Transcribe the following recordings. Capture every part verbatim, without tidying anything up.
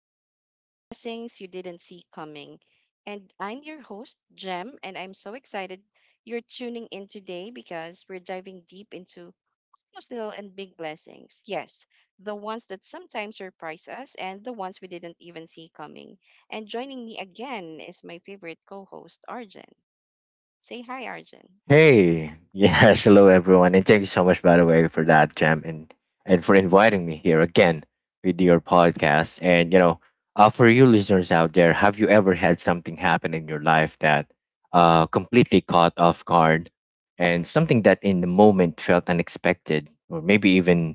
of Blessings You Didn't See Coming. And I'm your host, Jem, and I'm so excited you're tuning in today because we're diving deep into those little and big blessings. Yes, the ones that sometimes surprise us and the ones we didn't even see coming. And joining me again is my favorite co host, Arjun. Say hi, Arjun. Hey, yes, hello everyone, and thank you so much, by the way, for that, Jam, and and for inviting me here again with your podcast. And you know, uh, for you listeners out there, have you ever had something happen in your life that uh completely caught off guard, and something that in the moment felt unexpected, or maybe even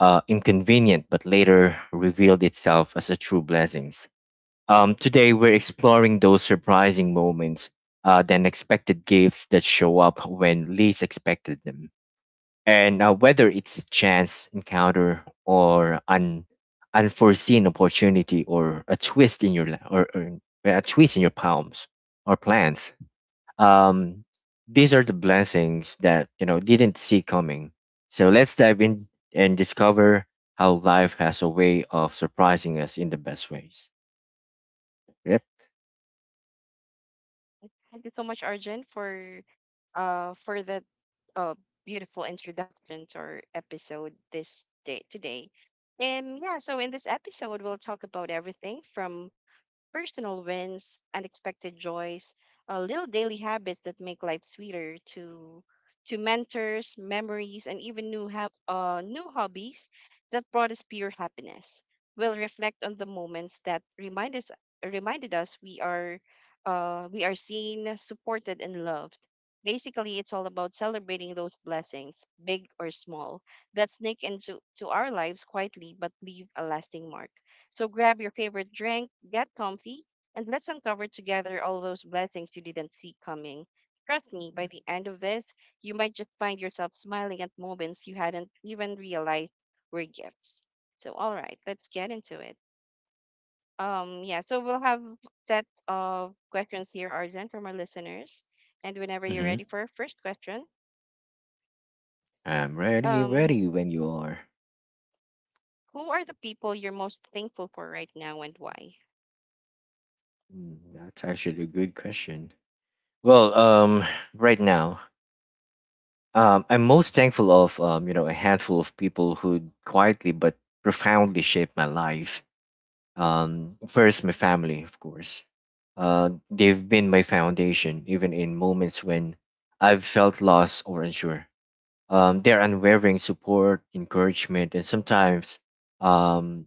uh inconvenient, but later revealed itself as a true blessing? Um, today, we're exploring those surprising moments, uh, the unexpected gifts that show up when least expected them, and uh, whether it's chance encounter or an unforeseen opportunity or a twist in your la- or, or a twist in your palms or plans. Um, these are the blessings that you know didn't see coming. So let's dive in and discover how life has a way of surprising us in the best ways. Yep. Thank you so much, Arjun, for uh for that uh beautiful introduction to our episode this day today. And yeah, so in this episode we'll talk about everything from personal wins, unexpected joys, uh, little daily habits that make life sweeter to to mentors, memories, and even new ha- uh, new hobbies that brought us pure happiness. We'll reflect on the moments that remind us reminded us we are uh, we are seen, supported, and loved. Basically, it's all about celebrating those blessings, big or small, that sneak into to our lives quietly but leave a lasting mark. So grab your favorite drink, get comfy, and let's uncover together all those blessings you didn't see coming. Trust me, by the end of this, you might just find yourself smiling at moments you hadn't even realized were gifts. So, all right, let's get into it. Um, yeah, so we'll have set of questions here, Arjun, from our listeners. And whenever you're Mm-hmm. ready for our first question, I'm ready, um, ready when you are. who are the people you're most thankful for right now and why? Mm, that's actually a good question. Well, um, right now, um, I'm most thankful of um, you know, a handful of people who quietly but profoundly shaped my life. Um, first, my family, of course. Uh, they've been my foundation, even in moments when I've felt lost or unsure. Um, their unwavering support, encouragement, and sometimes um,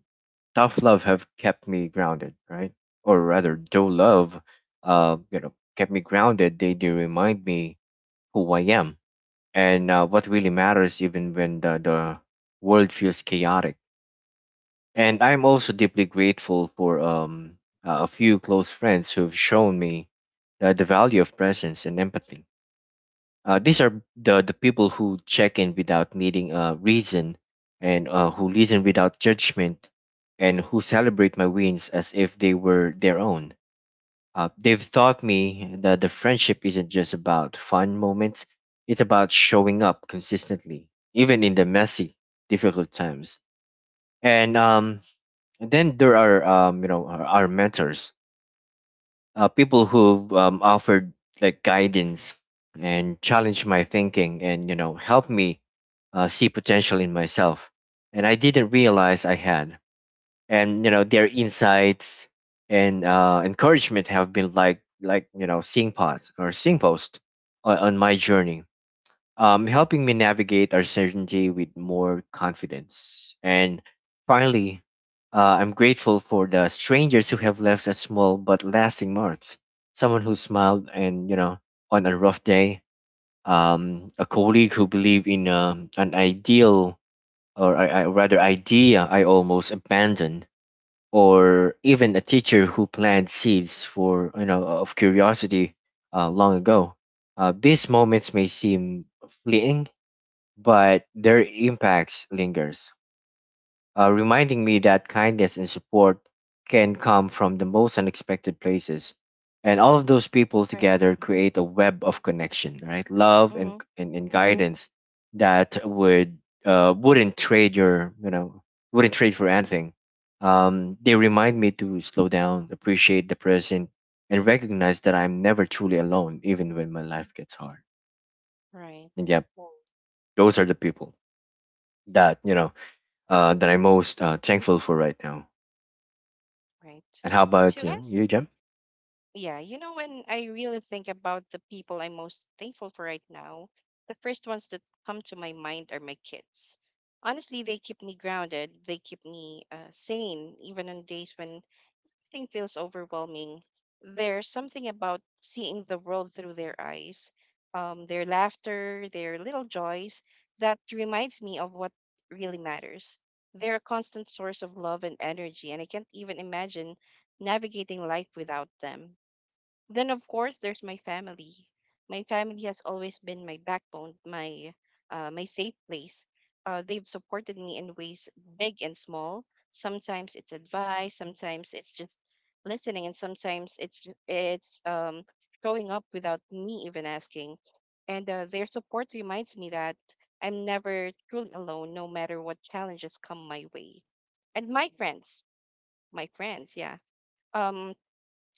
tough love have kept me grounded, right? Or rather, though love, uh, you know, kept me grounded. They they remind me who I am and uh, what really matters, even when the the world feels chaotic. And I'm also deeply grateful for um a few close friends who've shown me the, the value of presence and empathy. Uh, these are the, the people who check in without needing a reason, and uh, who listen without judgment and who celebrate my wins as if they were their own. Uh, they've taught me that the friendship isn't just about fun moments, it's about showing up consistently, even in the messy, difficult times. And um, then there are um, you know our, our mentors, uh, people who've um, offered like guidance and challenged my thinking and you know helped me uh, see potential in myself and I didn't realize I had and you know their insights and uh, encouragement have been like like you know seeing pods or seeing post on, on my journey, um, helping me navigate uncertainty with more confidence. And finally, uh, I'm grateful for the strangers who have left a small but lasting marks. Someone who smiled and you know on a rough day, um, a colleague who believed in um, an ideal or I, I, rather idea I almost abandoned, or even a teacher who planted seeds for you know of curiosity uh, long ago. Uh, these moments may seem fleeting, but their impacts lingers, uh, reminding me that kindness and support can come from the most unexpected places. And all of those people Right. together Mm-hmm. create a web of connection, right? Love and Mm-hmm. and, and guidance that would uh, wouldn't trade your you know wouldn't trade for anything. Um, they remind me to slow down, appreciate the present, and recognize that I'm never truly alone, even when my life gets hard. Right. And yeah, those are the people that you know uh, that I'm Mm. most uh, thankful for right now. Right. And how about To you, us, you, Jem? yeah, you know, when I really think about the people I'm most thankful for right now, the first ones that come to my mind are my kids. Honestly, they keep me grounded. They keep me uh, sane, even on days when something feels overwhelming, there's something about seeing the world through their eyes, um, their laughter, their little joys, that reminds me of what really matters. They're a constant source of love and energy, and I can't even imagine navigating life without them. Then of course there's my family. My family has always been my backbone, my uh, my safe place. Uh, they've supported me in ways big and small. Sometimes it's advice, sometimes it's just listening, and sometimes it's ju- it's um, showing up without me even asking. And uh, their support reminds me that I'm never truly alone, no matter what challenges come my way. And my friends, my friends, yeah. Um,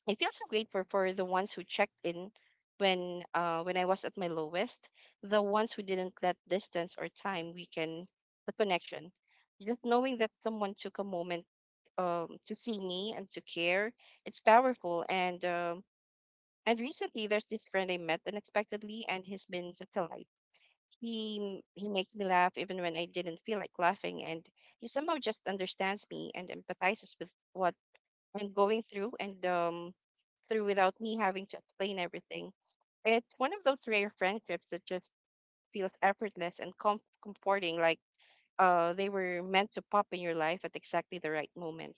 I feel so grateful for the ones who checked in when uh when I was at my lowest, the ones who didn't let distance or time weaken the connection. Just knowing that someone took a moment um to see me and to care, it's powerful. And um and recently there's this friend I met unexpectedly, and he's been such a light. He he makes me laugh even when I didn't feel like laughing, and he somehow just understands me and empathizes with what I'm going through, and um through without me having to explain everything. It's one of those rare friendships that just feels effortless and com- comforting, like uh, they were meant to pop in your life at exactly the right moment.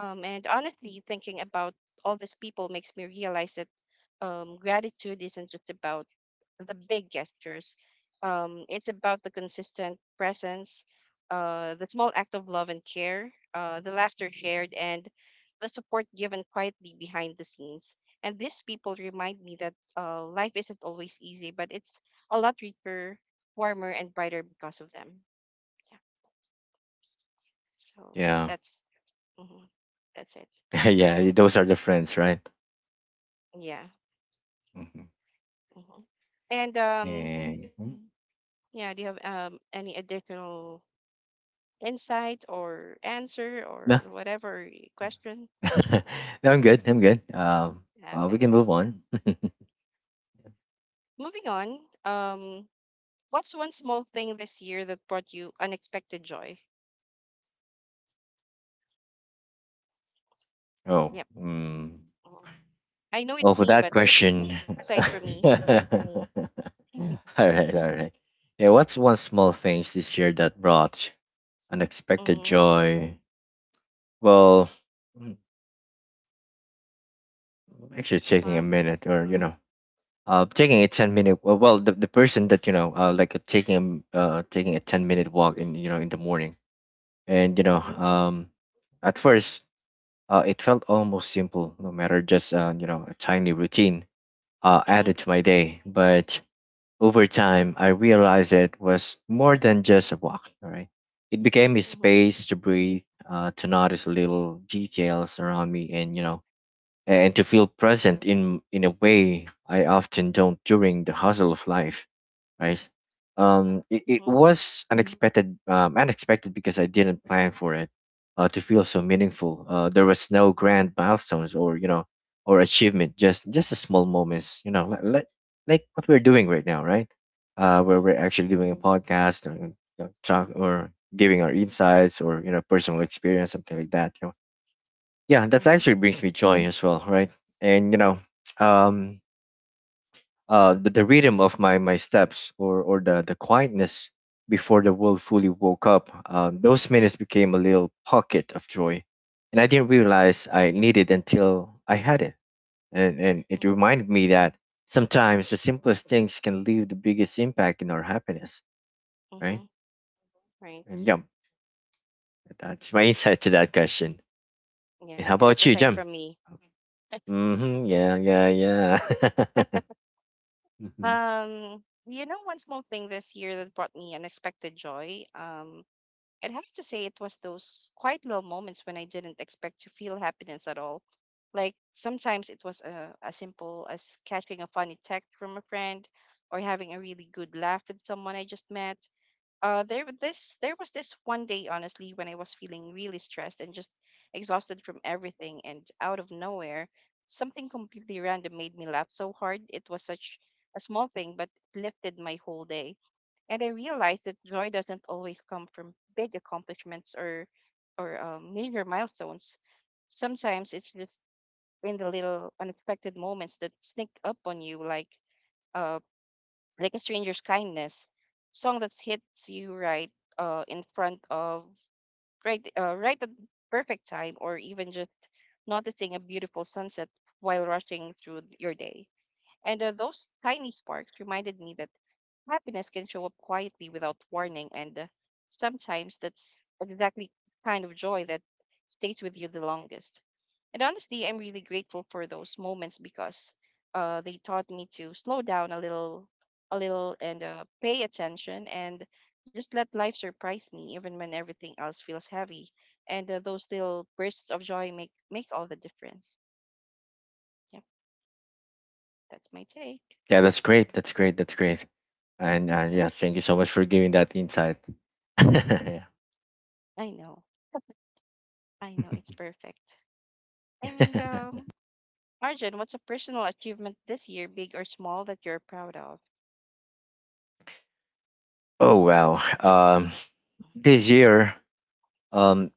Um, and honestly, thinking about all these people makes me realize that um, gratitude isn't just about the big gestures. Um, it's about the consistent presence, uh, the small act of love and care, uh, the laughter shared, and the support given quietly behind the scenes. And these people remind me that uh, life isn't always easy, but it's a lot richer, warmer, and brighter because of them. Yeah. So Yeah, that's mhm, that's it. yeah, those are the friends, right? Yeah. Hmm. Mhm. And um, And mm. yeah. Do you have um any additional insight or answer No, or whatever question. no, I'm good. I'm good. Um, uh, we Okay. can move on. Moving on. Um, what's one small thing this year that brought you unexpected joy? Oh, Yep. mm. Mhm. I know Well, it's for me, that but question, aside from me. all right, all right. Yeah, what's one small thing this year that brought unexpected Mm-hmm. joy? Well, mm, actually, it's taking a Huh? minute, or you know, uh taking a ten minute well, well the, the person that you know uh like uh, taking a uh taking a ten minute walk in you know in the morning, and you know Mm-hmm. um at first uh it felt almost simple, no matter, just uh you know a tiny routine uh Mm-hmm. added to my day, but over time I realized it was more than just a walk. All right, it became a Mm-hmm. space to breathe, uh to notice little details around me, and you know and to feel present in in a way I often don't during the hustle of life, right? Um, it, it Mm-hmm. was unexpected, um, unexpected because I didn't plan for it uh, to feel so meaningful. Uh, there was no grand milestones or you know or achievement, just just a small moments, you know, like like, like what we're doing right now, right? Uh, where Mm-hmm. we're actually doing a podcast or you know, talk or giving our insights or you know personal experience, something like that. Yeah, that Mm-hmm. actually brings me joy as well, right? And you know um uh the, the rhythm of my my steps, or or the the quietness before the world fully woke up. Uh, those minutes became a little pocket of joy, and I didn't realize I needed until I had it. And and it Mm-hmm. reminded me that sometimes the simplest things can leave the biggest impact in our happiness, right? Mm-hmm. And Right. yeah, that's my insight to that question. Yeah. And how And that's about you, aside Jim? from me. Mm-hmm. Yeah yeah yeah Mhm. Um, you know, one small thing this year that brought me unexpected joy. Um, I'd have to say it was those quite little moments when I didn't expect to feel happiness at all. Like sometimes it was uh, as simple as catching a funny text from a friend or having a really good laugh with someone I just met. Uh, there was this there was this one day honestly when I was feeling really stressed and just exhausted from everything and out of nowhere something completely random made me laugh so hard. It was such a small thing but lifted my whole day, and I realized that joy doesn't always come from big accomplishments or or um, major milestones. Sometimes it's just in the little unexpected moments that sneak up on you, like uh, like a stranger's kindness, song that hits you right uh, in front of right uh, right at the perfect time, or even just noticing a beautiful sunset while rushing through your day. And uh, those tiny sparks reminded me that happiness can show up quietly without warning, and uh, sometimes that's exactly kind of joy that stays with you the longest. And honestly, I'm really grateful for those moments because uh, they taught me to slow down a little, a little, and uh, pay attention, and just let life surprise me, even when everything else feels heavy. And uh, those little bursts of joy make make all the difference. Yeah, that's my take. Yeah, that's great. That's great. That's great. And uh, Yeah, yeah, thank you so much for giving that insight. Yeah. I know, I know, it's perfect. And um, Arjun, what's a personal achievement this year, big or small, that you're proud of? Oh wow. Yep. Um, this year, um,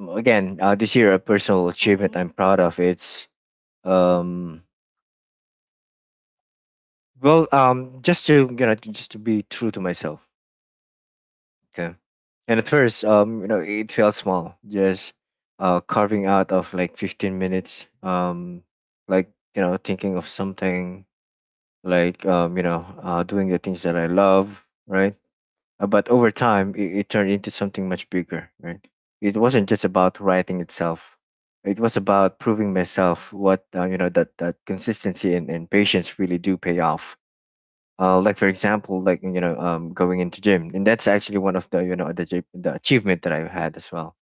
again, uh, this year a personal achievement Mm-hmm. I'm proud of. It's Yeah. um, well, um, just to you know, to- just to be true to myself. Okay. And at first, um, you know, it felt small, just uh, carving out of like fifteen minutes, um, like you know, thinking of something like um, you know, uh, doing the things that I love, right? Uh, but over time, it, it turned into something much bigger, right? It wasn't just about writing itself; it was about proving myself what uh, you know that that consistency and, and patience really do pay off. Uh, like for example, like you know, um, going into gym, and that's actually one of the you know the, j- the achievement that I've had as well.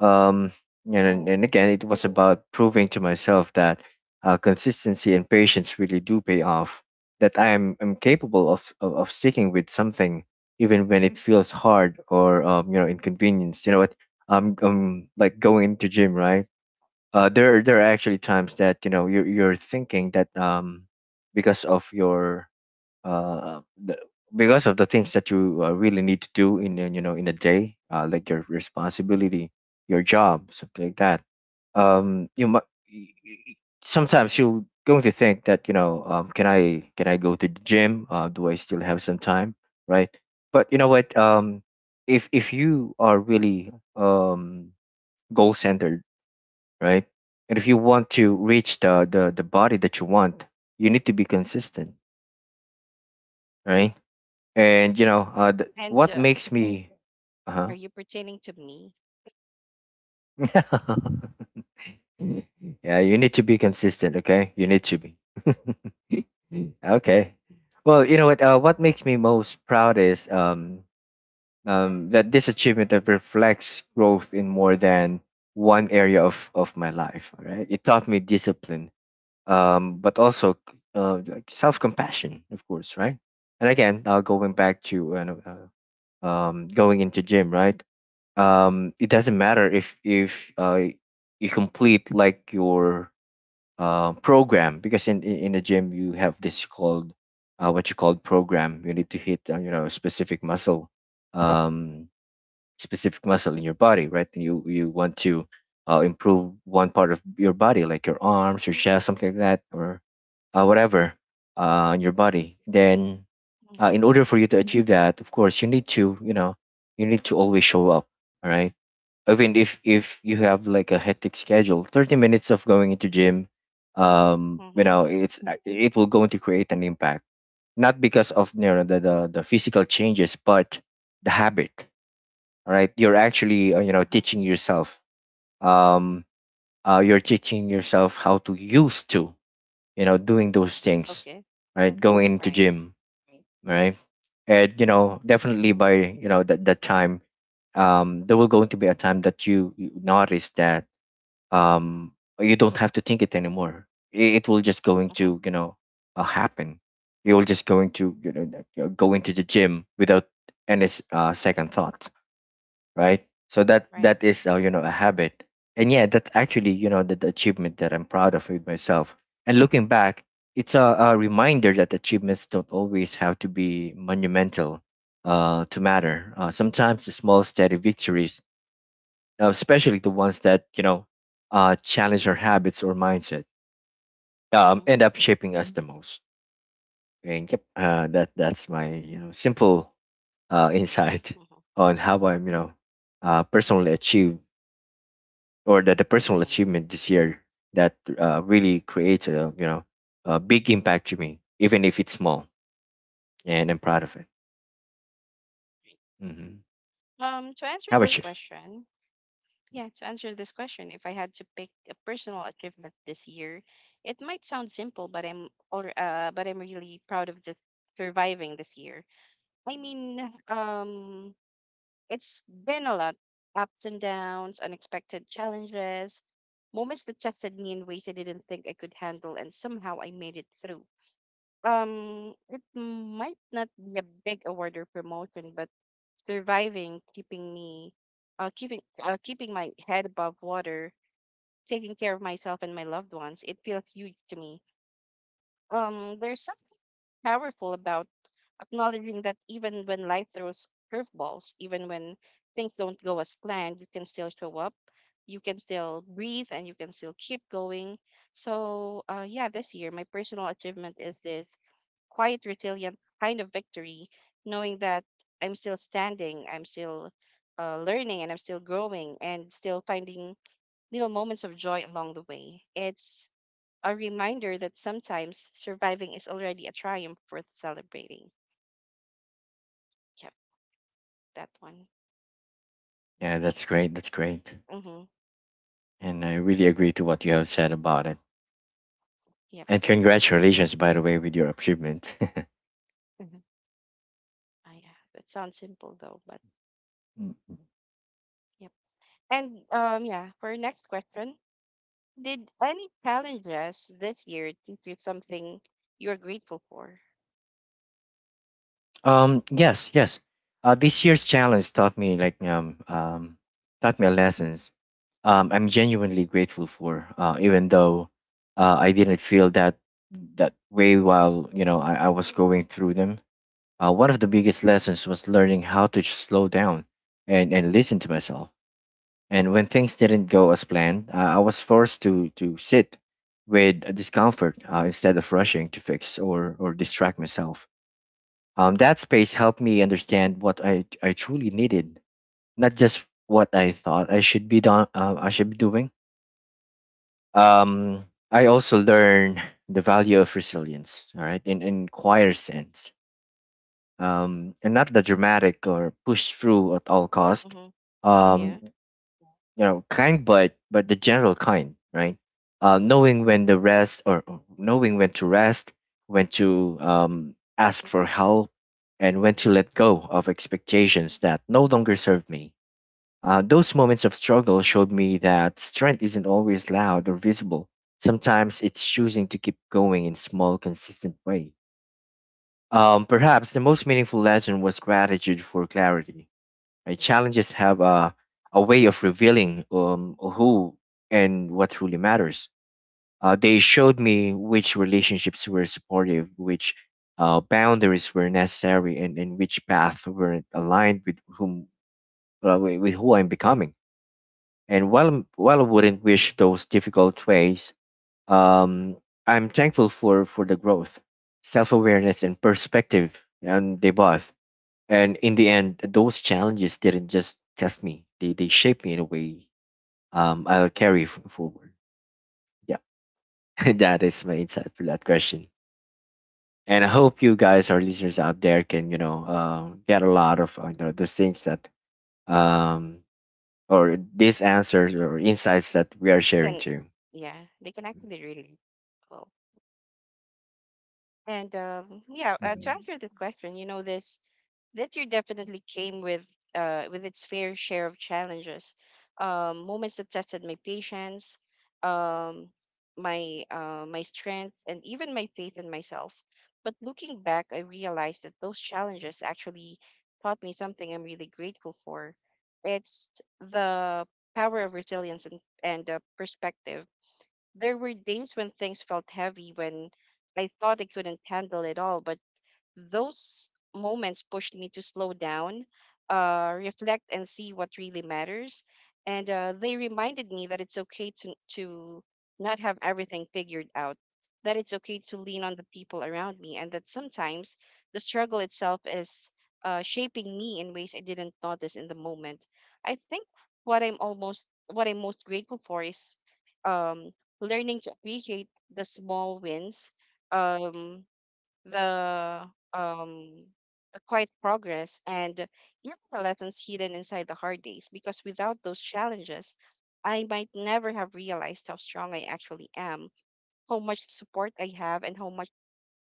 Um, and, and Oh. again, it was about proving to myself that uh, consistency and patience really do pay off, that I am, am capable of, of, of sticking with something even when it feels hard or um, you know inconvenienced. You know what? I'm, I'm like going into gym, right? Uh, there, there are actually times that you know you're, you're thinking that um, because of your uh, the, because of the things that you uh, really need to do in a- you know in a day, uh, like your responsibility, your job, something like that. Um, you might sometimes you're going to think that you know, um, can I can I go to the gym? Uh, do I still have some time? Right? But you know what? Um, if if you are really um, goal centered, right? And if you want to reach the, the the body that you want, you need to be consistent, right? And you know, uh, th- And what uh, makes me, uh huh. are you pertaining to me? Yeah, you need to be consistent. Okay, you need to be. Okay. Well, you know what? Uh, what makes me most proud is um, um, that this achievement that reflects growth in more than one area of, of my life. All right, it taught me discipline, um, but also uh, like self compassion, of course, right? And again, uh, going back to uh, no, uh, um, going into gym, right? Um, it doesn't matter if if uh you complete like your uh program, because in in in the gym you have this called uh what you call program. You need to hit uh, you know specific muscle, um specific muscle in your body, right? And you you want to uh, improve one part of your body, like your arms, your chest, something like that, or uh, whatever uh, in your body. Then uh, Mm-hmm. in order for you to achieve that, of course you need to you know you need to always show up, all right? I mean, if if you have like a hectic schedule, thirty minutes of going into gym, um, you Mm-hmm. know, it's uh, it will going to create an impact. Not because of you know the the, the physical changes, but the habit. All right, you're actually uh, you know Uh-huh. teaching yourself. Um, uh, you're teaching yourself how to use to you know doing those things. Okay. Right, going into Right. gym. Right, and you Mm-hmm. know definitely by you know that that time um, there will going to be a time that you, you notice that um you don't have to think it anymore it, it will just going Mm-hmm. to you know uh, happen. You'll just going to you know like, uh, go into the gym without any s- uh, second thoughts, right? So that that Right. is uh, you know a habit. And yeah, that's actually you know the, the achievement that I'm proud of with myself. And looking back, it's a, a reminder that achievements don't always have to be monumental uh, to matter. Uh, sometimes the small steady victories, uh, especially the ones that you know uh, challenge our habits or mindset, Mm-hmm. um, end up shaping us the most. And yep, uh, that that's my you know simple uh, insight Mm-hmm. on how I'm you know uh, personally achieve, or that the personal Yeah. achievement this year that uh, really creates a you know a big impact to me, even if it's small, and I'm proud Oh, of it. right. Hmm. Um, to answer How this about you? question, yeah, to answer this question, if I had to pick a personal achievement this year, it might sound simple, but I'm or uh, but I'm really proud of just surviving this year. I mean, um, it's been a lot ups and downs, unexpected challenges, moments that tested me in ways I didn't think I could handle, and somehow I made it through. Um, it might not be a big award or promotion, but surviving, keeping me, uh, keeping, uh, keeping my head above water, taking care of myself and my loved ones, it feels huge to me. Um, there's something powerful about acknowledging that even when life throws curveballs, even when things don't go as planned, you can still show up, you can still breathe, and you can still keep going. So, uh, yeah, this year, my personal achievement is this quiet, resilient kind of victory, knowing that I'm still standing, I'm still uh, learning, and I'm still growing, and still finding little moments of joy along the way. It's a reminder that sometimes surviving is already a triumph worth celebrating. Yep. That one. Yeah, that's great. That's great, Mm-hmm. and I really agree to what you have said about it. Yep. And congratulations, by the way, with your achievement. Mm-hmm. Ah, yeah. That sounds simple though, but Mm. yep. And um, yeah. For our next question, did any challenges this year teach you something you're grateful for? Um, yes, yes. Uh, this year's challenge taught me like um, um taught me a lessons. Um, I'm genuinely grateful for, uh, even though uh, I didn't feel that that way while you know I, I was going through them. Uh, one of the biggest lessons was learning how to slow down and and listen to myself. And when things didn't go as planned, uh, I was forced to, to sit with a discomfort uh, instead of rushing to fix or, or distract myself. Um, that space helped me understand what I, I truly needed, not just what I thought I should be done, uh, I should be doing. Um, I also learned the value of resilience, all right, in, in quieter sense, um, and not the dramatic or push through at all cost. Mm-hmm. Mm-hmm. Yeah. Um, you know kind but but the general kind, right? Uh, knowing when to rest or or knowing when to rest when to um, ask for help, and when to let go of expectations that no longer serve me. Uh, those moments of struggle showed me that strength isn't always loud or visible. Sometimes it's choosing to keep going in small consistent way. Um, perhaps the most meaningful lesson was gratitude for clarity. Right? Challenges have a, a way of revealing um, who and what truly matters. Uh, they showed me which relationships were supportive, which uh, boundaries were necessary, and, and which path weren't aligned with whom uh, wi- with who I'm becoming. And while while I wouldn't wish those difficult ways, um, I'm thankful for for the growth, self awareness, and perspective, and they both. And in the end, those challenges didn't just test me, they they shaped me in a way um I'll carry f- forward. Yeah. That is my insight for that question. And I hope you guys, our listeners out there, can you know um get a lot of uh, you know the things that um or these answers or insights that we are sharing Can too. Yeah, they can Mhm. actually relate. Well, and um, yeah. Uh, to Mm. answer the question, you know this that year definitely came with uh, with its fair share of challenges, um, moments that tested my patience, um, my uh, my strength, and even my faith in myself. But looking back, I realized that those challenges actually taught me something I'm really grateful for. It's the power of resilience and, and uh, perspective. There were days when things felt heavy, when I thought I couldn't handle it all, but those moments pushed me to slow down, uh, reflect, and see what really matters. And uh, they reminded me that it's okay to to not have everything figured out, that it's okay to lean on the people around me, and that sometimes the struggle itself is uh, shaping me in ways I didn't notice in the moment. I think what I'm almost what I'm most grateful for is um, learning to appreciate the small wins. Um, the um the quiet progress and even the lessons hidden inside the hard days, because without those challenges I might never have realized how strong I actually am, how much support I have, and how much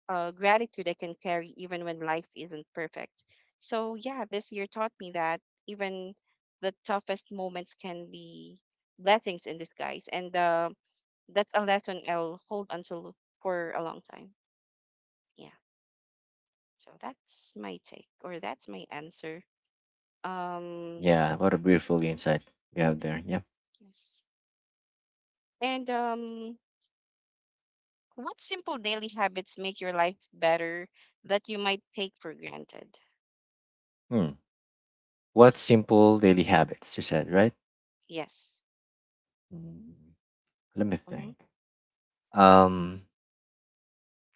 uh, gratitude I can carry even when life isn't perfect. So, yeah, this year taught me that even the toughest moments can be blessings in disguise. And uh, that's a lesson I'll hold until for a long time. Yeah. So that's my take or that's my answer. Um Yeah, what a beautiful insight we have there, yeah. yes. And um what simple daily habits make your life better that you might take for granted? Hmm. What simple daily habits, you said, right? Yes. Mm, let me Mm-hmm. think. um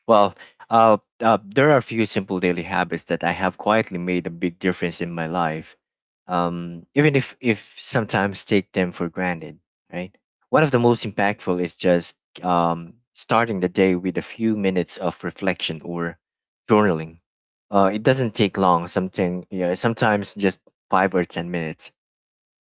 Well, uh, uh, there are a few simple daily habits that I have quietly made a big difference in my life, um, even if, if sometimes take them for granted, right? One of the most impactful is just um, starting the day with a few minutes of reflection or journaling. Uh, it doesn't take long, something, yeah, sometimes just five or ten minutes,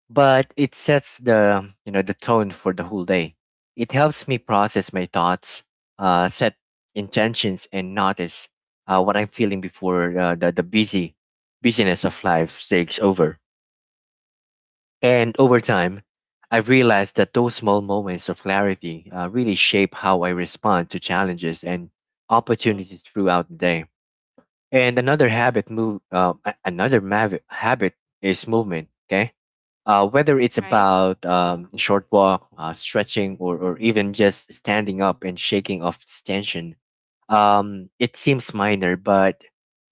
but it sets the you know the tone for the whole day. It helps me process my thoughts, uh, set intentions, and notice uh, what I'm feeling before uh, the the busy busyness of life takes over. And over time, I've realized that those small moments of clarity uh, really shape how I respond to challenges and Hmm. opportunities throughout the day. And another habit move uh, a- another mav- habit is movement. Okay, uh, whether it's Right? about um, a short walk, uh, stretching, or, or even just standing up and shaking off tension, um, it seems minor, but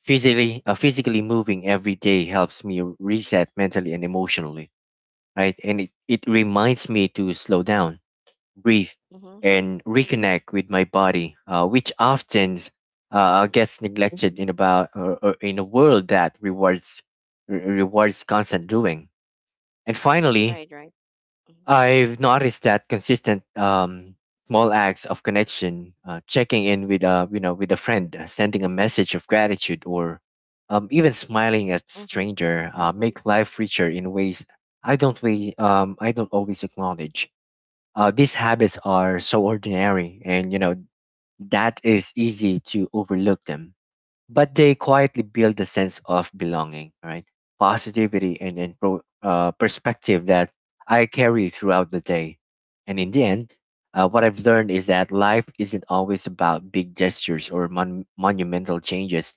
physically, uh, physically moving every day helps me reset mentally and emotionally, right? And it, it reminds me to slow down, breathe, Mm-hmm. and reconnect with my body, uh, which often uh, Mm-hmm. gets neglected in about or, or in a world that rewards re- rewards constant doing. And finally, Right, right. Mm-hmm. I've noticed that consistent um, small acts of connection, uh, checking in with a you know with a friend, uh, sending a message of gratitude, or um, even smiling at Mm-hmm. stranger, uh, make life richer in ways I don't we um, I don't always acknowledge. Uh, these habits are so ordinary, and you know that is easy to overlook them, but they quietly build a sense of belonging, right? Positivity and, and pro, uh, perspective that I carry throughout the day. And in the end, uh, what I've learned is that life isn't always about big gestures or mon- monumental changes.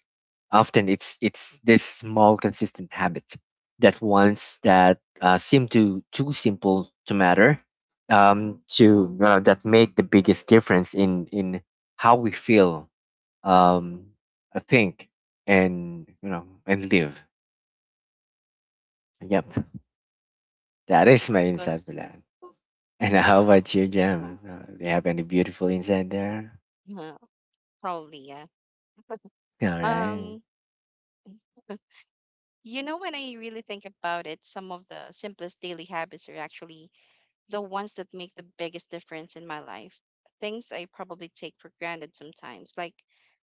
Often, it's it's this small, consistent habit that ones that uh, seem to too simple to matter, um, to uh, that make the biggest difference in in how we feel, um, think, and you know, and live. Yep, that is my insight for Was that. And how Wow. about you, Jam? Uh, do you have any beautiful insight there? Yeah, probably, yeah. All right. Um, you know, when I really think about it, some of the simplest daily habits are actually the ones that make the biggest difference in my life. Things I probably take for granted sometimes, like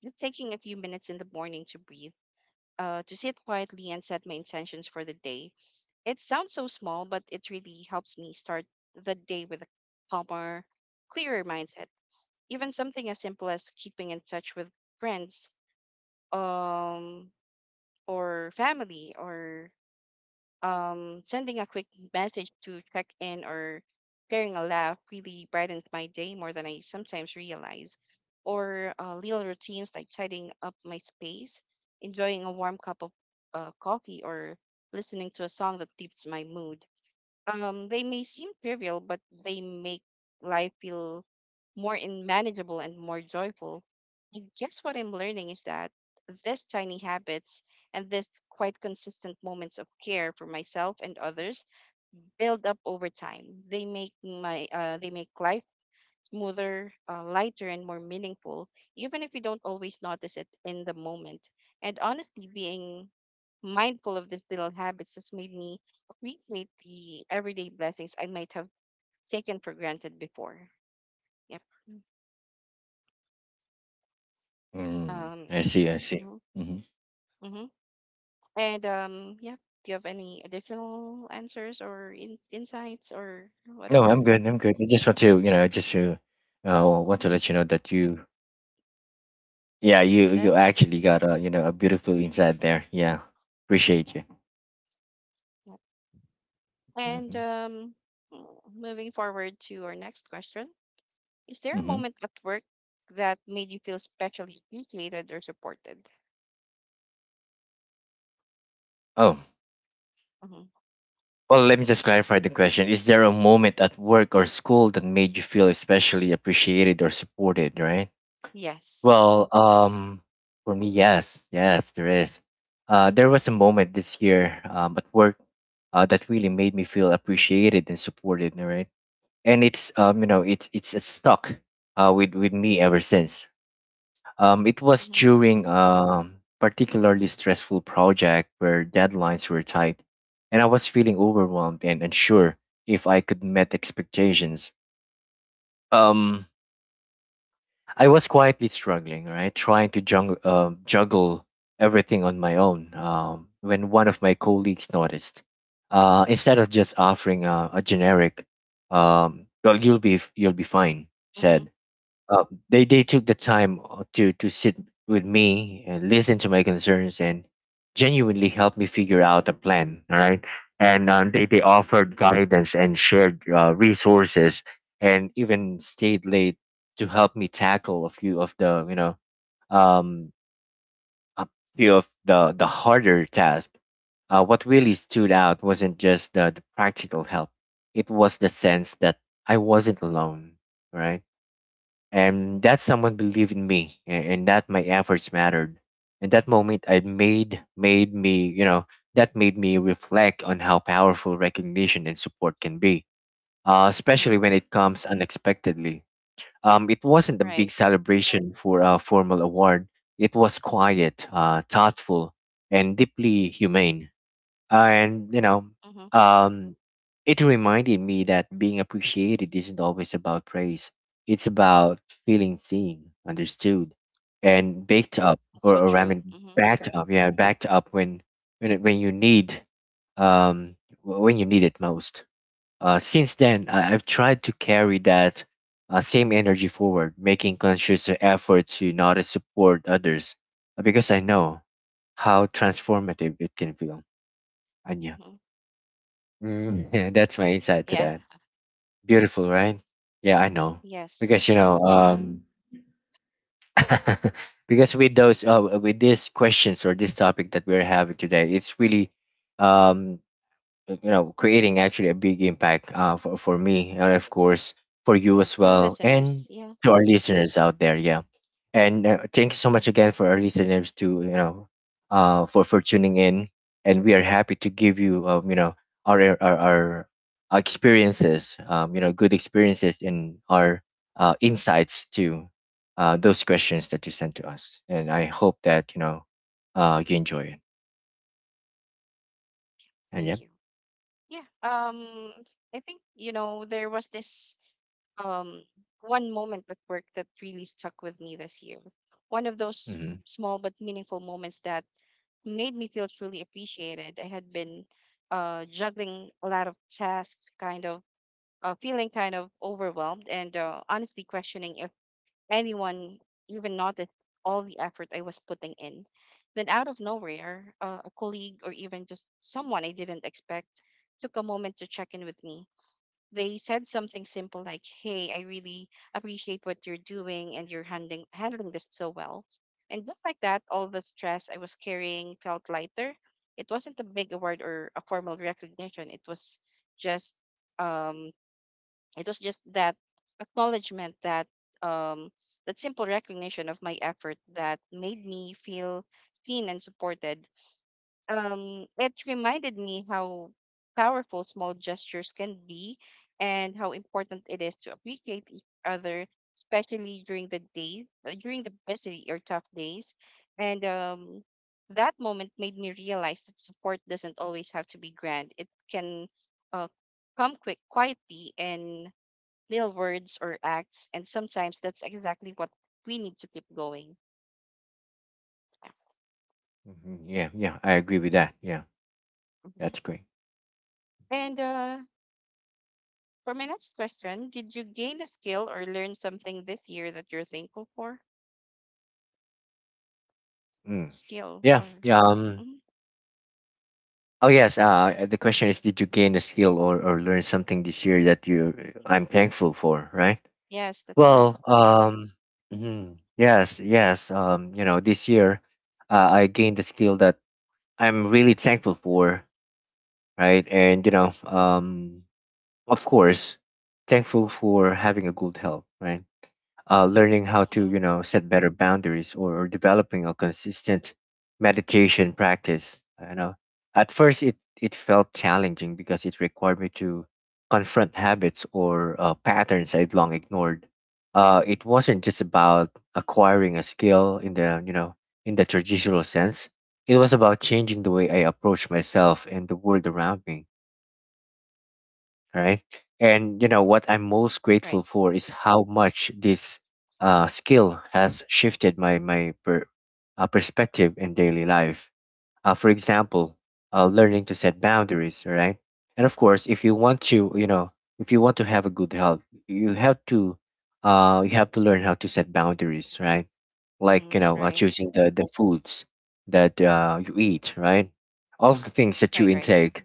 just taking a few minutes in the morning to breathe, uh, to sit quietly and set my intentions for the day. It sounds so small, but it really helps me start the day with a calmer, clearer mindset. Even something as simple as keeping in touch with friends, um, or family, or um, sending a quick message to check in or sharing a laugh really brightens my day more than I sometimes realize. Or uh, little routines like tidying up my space, enjoying a warm cup of uh, coffee, or listening to a song that lifts my mood. Um, they may seem trivial, but they make life feel more in- manageable and more joyful. I guess what I'm learning is that these tiny habits and these quite consistent moments of care for myself and others build up over time. They make my uh, they make life smoother, uh, lighter, and more meaningful, even if we don't always notice it in the moment. And honestly, being mindful of these little habits has made me appreciate the everyday blessings I might have taken for granted before. Yep. Mm, Um, I see, I see. hmm Hmm. hmm And um, yeah, do you have any additional answers or in- insights or No, I'm whatever? good. I'm good. I just want to, you know, just to uh, want to You let just you know that you, yeah, you that? you actually got a, you know, a beautiful insight there. Yeah, appreciate you. Yeah. And Mm-hmm. um, mm, moving forward to our next question. Is there a Mm-hmm. moment at work that made you feel specially appreciated or supported? Oh. Hmm. Well, let me just clarify the question. Is there a moment at work or school that made you feel especially appreciated or supported, right? Yes. Well, um, for me, yes, yes, there is. Uh, there was a moment this year um, at work uh, that really made me feel appreciated and supported, all right? And it's um, you know, it's it's it's stuck uh, with with me ever since. Um, it was Mm-hmm. during a particularly stressful project where deadlines were tight, and I was feeling overwhelmed and unsure if I could meet expectations. Um, I was quietly struggling, right, trying to jung- uh, juggle everything on my own. Um, when one of my colleagues noticed, uh, instead of just offering a, a generic, um, "Well, you'll be you'll be fine," Mm-hmm. said, uh, they they took the time uh, to to sit with me and listen to my concerns and genuinely help me figure out a plan, all right? And um, they they offered guidance and shared uh, resources, and even stayed late to help me tackle a few of the you know um a few of the the harder tasks. Uh, what really stood out wasn't just the, the practical help. It was the sense that I wasn't alone, right? And that someone believed in me, and, and that my efforts mattered. And that moment I made made me you know, that made me reflect on how powerful recognition and support can be, uh, Mm-hmm. especially when it comes unexpectedly. Um, it wasn't a big Right. celebration for a formal award. It was quiet, uh, thoughtful, and deeply humane. Uh, and you know, Mm-hmm. um it reminded me that being appreciated isn't always about praise. It's about feeling seen, understood, and baked up That's or, so or I true. mean Mm-hmm. backed up, yeah backed up when when it- when you need um wh- when you need it most. Uh, since then I, I've tried to carry that uh, same energy forward, making conscious effort to notice support others, uh, because I know how transformative it can feel. Anya. Mm-hmm. Mm, yeah, that's my insight to Yeah. that. Beautiful, right? Yeah, I know. Yes. Because you know, Well, um, because with those uh, with these questions or this topic that we're having today, it's really um, uh, you know creating actually a big impact uh, for, for me, and of course for you as for our well, listeners, and yeah. to our listeners out there, yeah. And uh, thank you so much again for our listeners, to you know uh, for for tuning in, and we are happy to give you um, you know our our, our our experiences, um, you know good experiences, and our uh, insights to uh, those questions that you sent to us, and I hope that you know uh, you enjoy it, and yeah. Thank you. Yeah. Um, I think you know there was this um one moment at work that really stuck with me this year. One of those Mhm. small but meaningful moments that made me feel truly appreciated. I had been uh, juggling a lot of tasks, kind of uh, feeling kind of overwhelmed, and uh, honestly questioning if anyone even noticed all the effort I was putting in. Then, out of nowhere, uh, a colleague or even just someone I didn't expect took a moment to check in with me. They said something simple like, "Hey, I really appreciate what you're doing and you're handling handling this so well." And just like that, all the stress I was carrying felt lighter. It wasn't a big award or a formal recognition. It was just um it was just that acknowledgement, that um that simple recognition of my effort that made me feel seen and supported. Um, it reminded me how powerful small gestures can be and how important it is to appreciate each other, especially during the days, uh, during the busy or tough days. And um, that moment made me realize that support doesn't always have to be grand. It can uh, come quick, quietly, in little words or acts. And sometimes that's exactly what we need to keep going. Yeah. Mhm. Yeah, yeah, I agree with that. Yeah, Mhm. that's great. And uh, for my next question, did you gain a skill or learn something this year that you're thankful for? Mm. Skill Yeah, or yeah. s- Um. mhm. Oh yes. Uh, the question is, did you gain a skill or or learn something this year that you I'm thankful for, right? Yes, that's correct. Well, um, mhm, yes, yes. Um, you know, this year, uh, I gained a skill that I'm really thankful for, right? And you know, um, of course, thankful for having a good health, right? Uh, learning how to Hmm. you know set better boundaries, or, or developing a consistent meditation practice. you know at first it it felt challenging because it required me to confront habits or uh, patterns I'd long ignored. Uh, it wasn't just about acquiring a skill in the you know in the traditional sense. It was about changing the way I approach myself and the world around me, right? And you know what I'm most grateful Right. for is how much this, uh, skill has shifted my my per, uh, perspective in daily life. Uh, for example, uh, Hmm. learning to set boundaries, right? And of course, if you want to you know if you want to have a good health, you have to, uh, you have to learn how to set boundaries, right? Like, Hmm. you know uh, Right. choosing the the foods that, uh, you eat, right? All of the things that you Right. Right. intake.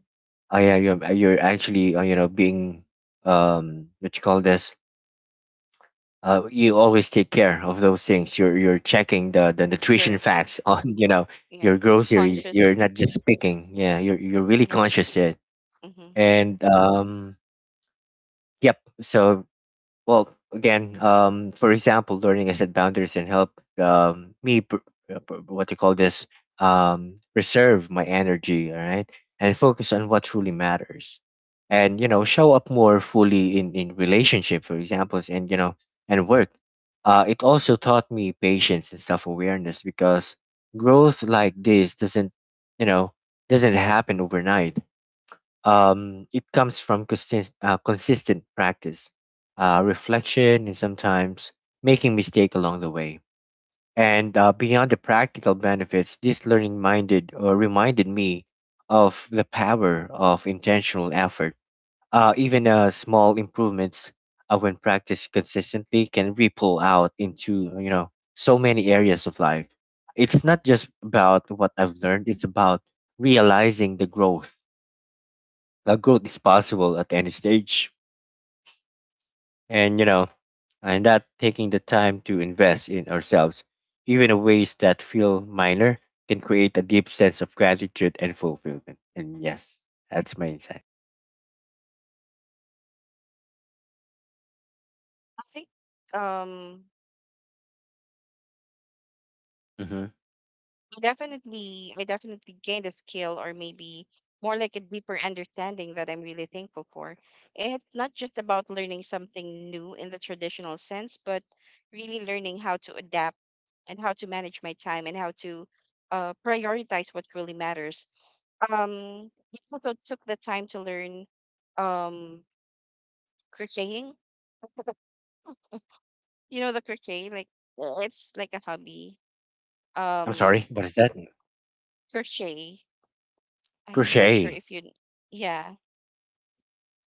uh, Yeah, you're, you're actually, uh, you know being, um what you call this, uh, you always take care of those things. You're you're checking the the nutrition You're facts on, you know yeah your groceries. You're conscious. not just picking. Yeah, you're you're really Yeah. conscious of it. Mm-hmm. And um, Yep. So, well, again, um, for example, learning I set boundaries and help, um, me, pr- uh, pr- what you call this, um, reserve my energy, all right, and focus on what truly matters, and you know, show up more fully in in relationship, for examples, and you know, and work. Uh, it also taught me patience and self awareness because growth like this doesn't, you know, doesn't happen overnight. Um, it comes from consist- uh, consistent practice, uh, reflection, and sometimes making mistake along the way. And uh, beyond the practical benefits, this learning minded or reminded me of the power of intentional effort. Uh, even, uh, small improvements, uh, when practiced consistently, can ripple out into, you know so many areas of life. It's not just about what I've learned; it's about realizing the growth. Now, growth is possible at any stage, and you know, and that taking the time to invest in ourselves, even in ways that feel minor, can create a deep sense of gratitude and fulfillment. And yes, that's my insight. I think um Hmm. definitely I definitely gained a skill or maybe more like a deeper understanding that I'm really thankful for. It's not just about learning something new in the traditional sense, but really learning how to adapt and how to manage my time and how to uh, prioritize what really matters. Um, it also took the time to learn um, crocheting. You know the crochet, like it's like a hobby. I'm Um, sorry, what is that? crochet. I'm not sure Crochet. if you, yeah.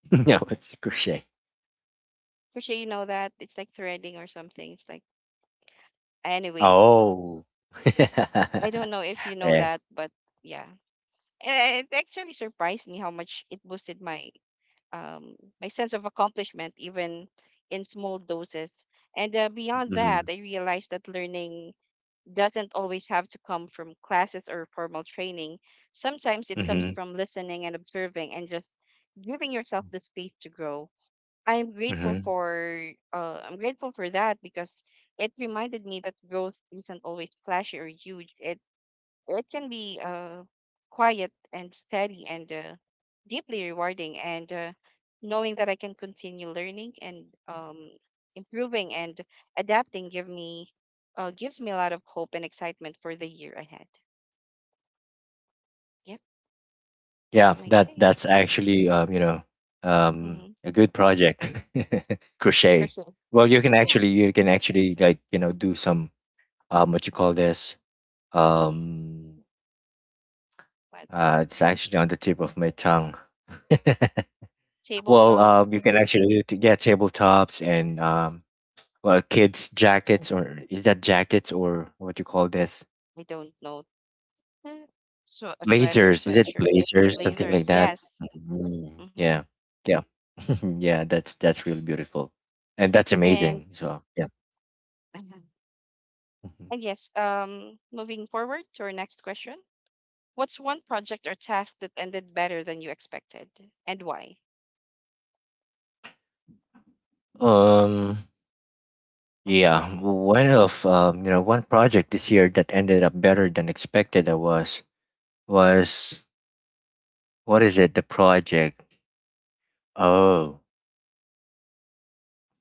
No, it's crochet. For sure, you know that. It's like threading or something. It's like, anyways, Oh. I Yeah. don't know if you know that, but yeah. And it actually surprised me how much it boosted my um my sense of accomplishment, even in small doses. And uh, beyond that, Mm-hmm. I realized that learning doesn't always have to come from classes or formal training. Sometimes it comes Mm-hmm. from listening and observing and just giving yourself the space to grow. I'm grateful for uh, I'm grateful for that because it reminded me that growth isn't always flashy or huge. It it can be uh, quiet and steady and uh, deeply rewarding. And uh, knowing that I can continue learning and um, improving and adapting give me uh, gives me a lot of hope and excitement for the year ahead. Yep, Yeah, that's my that take. that's actually, um, you know um, Mm-hmm. a good project, For crochet. sure. Well, you can Oh, actually you can actually like, you know do some, um, what you call this, mhm. um, But uh, it's actually on the tip of my tongue. Well, tabletop, um, you can actually do, t- yeah, tabletops and, um, well, kids jackets, or is that jackets, or what you call this? I don't know. Eh, so a sweater, Blazers. Is it sweatshirt, yeah, Blazers? Something like blazers, that. yes. Mhm. Hmm. Yeah. Yeah. Yeah. That's that's really beautiful, and that's And amazing as well. Yeah. uh-huh. Mhm. And yes, um, moving forward to our next question. What's one project or task that ended better than you expected, and why? Um. Hmm. Yeah. One of um. You know, One project this year that ended up better than expected. I was was what is it? The project. Oh.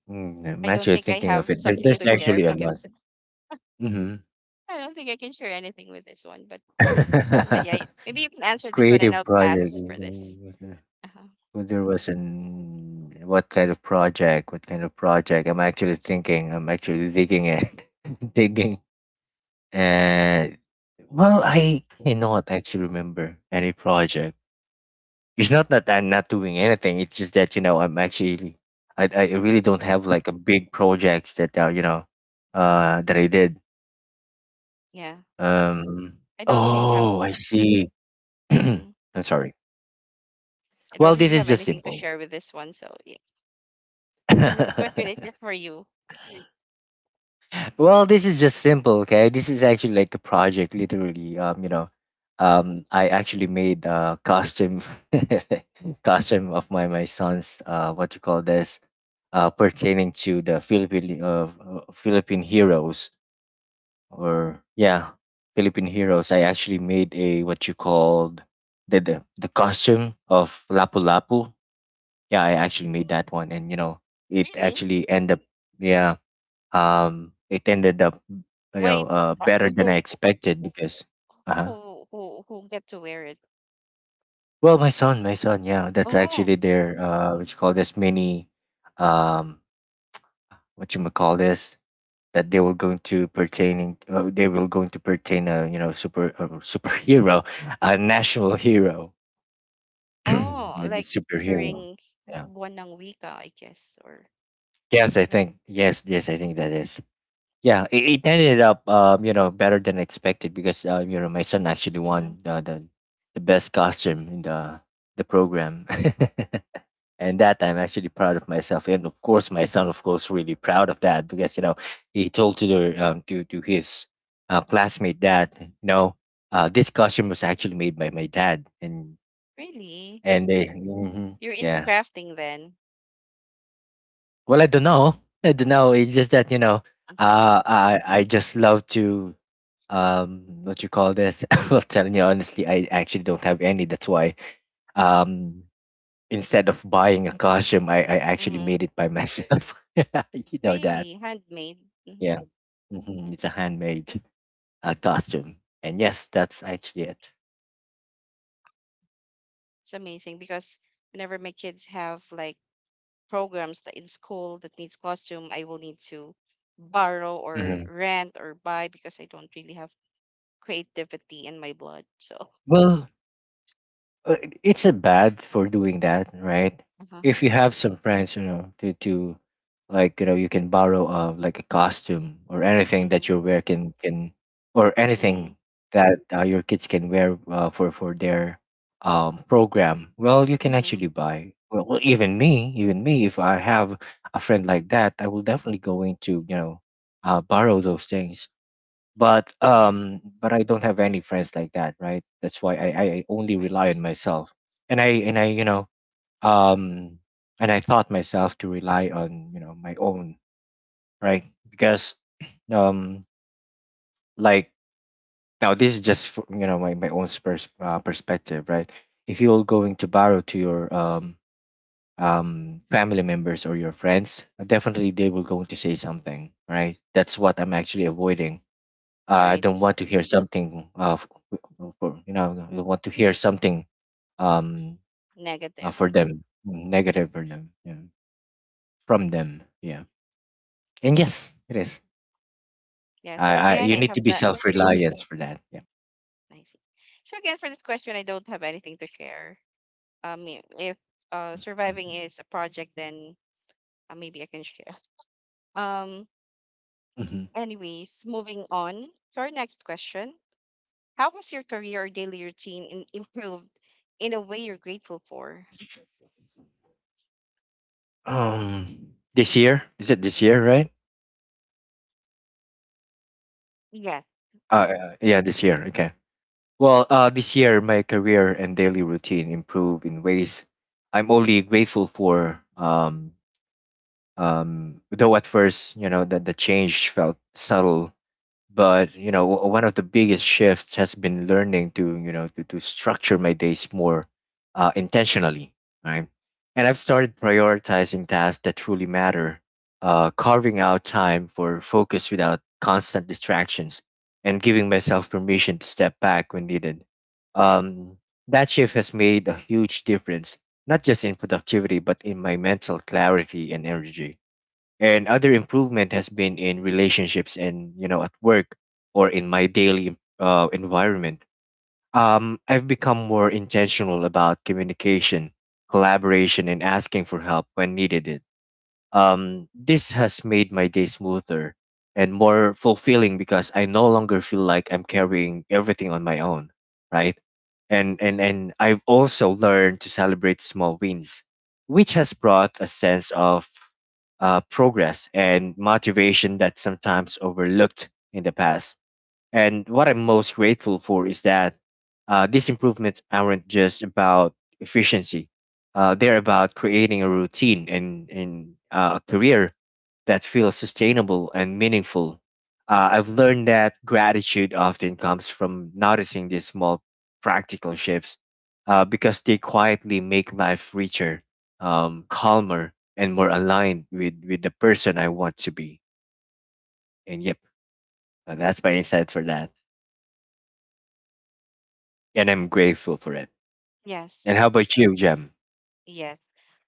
Mm, I'm I don't actually think I thinking of have it. There, something There's to share actually a lot. because Mm-hmm. I don't think I can share anything with this one. But, mm, but yeah, maybe you can answer this one, and Creative I'll project. pass for this. Mm-hmm. Uh-huh. Well, there was an what kind of project? What kind of project? I'm actually thinking. I'm actually digging it, digging. And well, Hmm. I cannot actually remember any project. It's not that I'm not doing anything. It's just that, you know I'm actually, I I really Hmm. don't have like a big projects that uh, you know uh that I did. Yeah, Um. I don't really have. Oh, I see. I'm Hmm. sorry. I don't Well, this really is have just anything to simple. share with this one. So this is question is just for you. Well, this is just simple, okay? This is actually like a project, literally. Um, you know, um, I actually made a costume, costume of my my son's, uh, what you call this, uh, pertaining to the Philippine, uh, uh, Philippine heroes, or yeah, Philippine heroes. I actually made a what you called the the, the costume of Lapu Lapu. Yeah, I actually made that one, and, you know, it Really? actually ended up, yeah, um, it ended up, you know Why? uh, uh, better than I Who expected because, uh who who who get to wear it? well, my son my son, yeah, that's Oh, actually their, uh what you call this, mini, um what you call this, that they were going to pertaining, uh, they were going to pertain a, you know super, a superhero, a national hero, oh, the like superhero, during yeah. one ng wika, I guess, or yes I think Yes, yes, I think mm-hmm. that is. Yeah, it, it ended up, um, you know, better than expected because, uh, you know, my son actually Mm-hmm. won the the, the best costume in the the program, and that I'm actually proud of myself, and of course, my son, of course, really proud of that because, you know he told to the um to to his uh, classmate that, you know uh, this costume was actually made by my dad, and Really? and they. Mhm. You're into Yeah. crafting then? Well, I don't know. I don't know. It's just that, you know, Mm-hmm. uh, I I just love to, um, what you call this? Well, telling you honestly, I actually don't have any. That's why, um, instead of buying a costume, I I actually Mm-hmm. made it by myself. You know that? Really? Handmade? Mm-hmm. Yeah. Hmm it's a handmade, uh, costume, and yes, that's actually it. It's amazing because whenever my kids have like programs that in school that needs costume, I will need to borrow or Hmm. rent or buy because I don't really have creativity in my blood. So Well, uh, it's a bad for doing that, right? uh-huh. If you have some friends, you know, to to like, you know, you can borrow, uh like a costume or anything Mhm. that your wear can, can or anything Mhm. that, uh, your kids can wear, uh, for for their, um program. Well, you can Mhm. actually buy. Well, well, even me, even me, if I have a friend like that, I will definitely go into, you know uh borrow those things. but Yeah. um but I don't have any friends like that, right? That's why i i I only rely Right. on myself, and i and I you know um and I taught myself to rely on, you know my own, right, because, um like, now this is just for, you know my, my own, pers- uh, perspective, right. If you're going to borrow to your, um um family members or your friends, definitely they will going to say something, right? That's what I'm actually avoiding. uh, I don't Right. want to hear something, uh, f- f- for, you know I don't want to hear something, um uh, Negative. for them, negative for them, yeah. From them, yeah. And Yeah. yes, it is. Yeah. I, So I again, You I need to have be not. self reliant for that, yeah. I see. So again, for this question, I don't have anything to share. Um, i- if uh surviving is a project, then uh, maybe I can share. Um. Mm-hmm. Anyways, moving on to our next question. How has your career or daily routine in, improved in a way you're grateful for? um this year, is it this year, right? Yes. Uh yeah, this year, okay. Well, uh this year my career and daily routine improve in ways I'm only grateful for. Um Um, though at first, you know, that the change felt subtle, but, you know, w- one of the biggest shifts has been learning to, you know, to, to structure my days more, uh, intentionally, right? And I've started prioritizing tasks that truly matter, uh, carving out time for focus without constant distractions, and giving myself permission to step back when needed. Um, that shift has made a huge difference, not just in productivity, but in my mental clarity and energy. And other improvement has been in relationships and, you know at work, or in my daily, uh, environment. um, I've become more intentional about communication, collaboration, and asking for help when needed. Um, this has made my day smoother and more fulfilling because I no longer feel like I'm carrying everything on my own, right? And and and I've also learned to celebrate small wins, which has brought a sense of, uh, progress and motivation that sometimes overlooked in the past. And what I'm most grateful for is that, uh, these improvements aren't just about efficiency. Uh, they're about creating a routine, and, and uh, a career that feels sustainable and meaningful. Uh, I've learned that gratitude often comes from noticing these small practical shifts, uh, because they quietly make life richer, um, calmer, and more aligned with, with the person I want to be. And yep, uh, that's my insight for that, and I'm grateful for it. And how Yes. about you, Jem? Yes.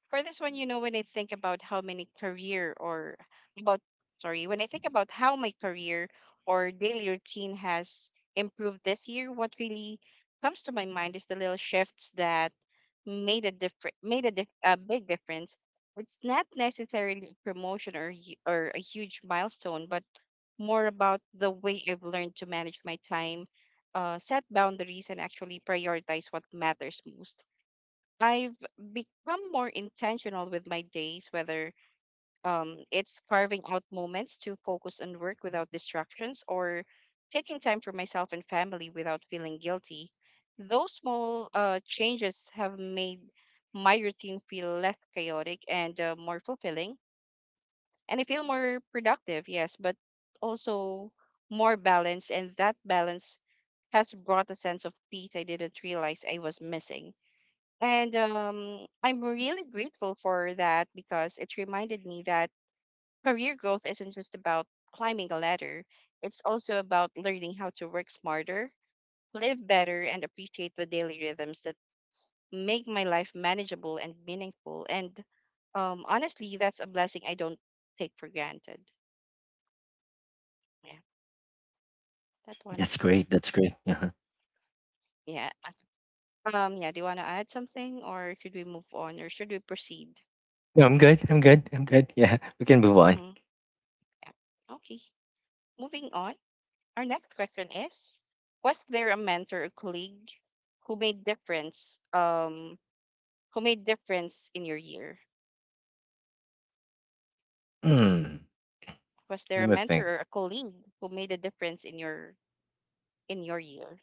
For this one, you know, when I think about how many career or about, sorry, when I think about how my career or daily routine has improved this year, what really comes to my mind is the little shifts that made a different, made a, dif- a big difference. It's not necessarily a promotion or hu- or a huge milestone, but more about the way I've learned to manage my time, uh, set boundaries, and actually prioritize what matters most. I've become more intentional with my days, whether um, it's carving out moments to focus on work without distractions or taking time for myself and family without feeling guilty. Those small uh, changes have made my routine feel less chaotic and uh, more fulfilling. And I feel more productive, yes, but also more balanced. And that balance has brought a sense of peace I didn't realize I was missing. And um, I'm really grateful for that because it reminded me that career growth isn't just about climbing a ladder, it's also about learning how to work smarter, live better, and appreciate the daily rhythms that make my life manageable and meaningful. And um, honestly, that's a blessing I don't take for granted. Yeah, that one. That's great. That's great. Uh-huh. Yeah. Um, yeah, do you want to add something or should we move on or should we proceed? No, I'm good. I'm good. I'm good. Yeah, we can move on. Mm-hmm. Yeah. Okay. Moving on. Our next question is: was there a mentor or colleague who made difference? Um, who made difference in your year? Hmm. Was there Let a me mentor think. or a colleague who made a difference in your in your year?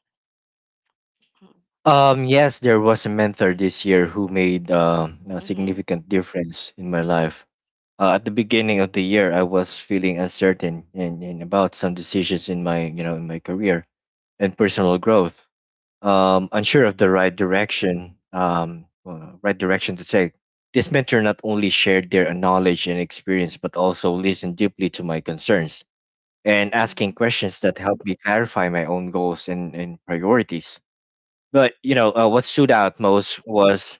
Hmm. Um, yes, there was a mentor this year who made, um a Mm-hmm. significant difference in my life. Uh, at the beginning of the year I was feeling uncertain and, and about some decisions in my you know in my career and personal growth, um, unsure of the Mm-hmm. right direction, um, well, right direction to take. This mentor not only shared their knowledge and experience, but also listened deeply to my concerns, and Mm-hmm. asking questions that helped me clarify my own goals and, and priorities. But, you know uh, what stood Mm-hmm. out most was,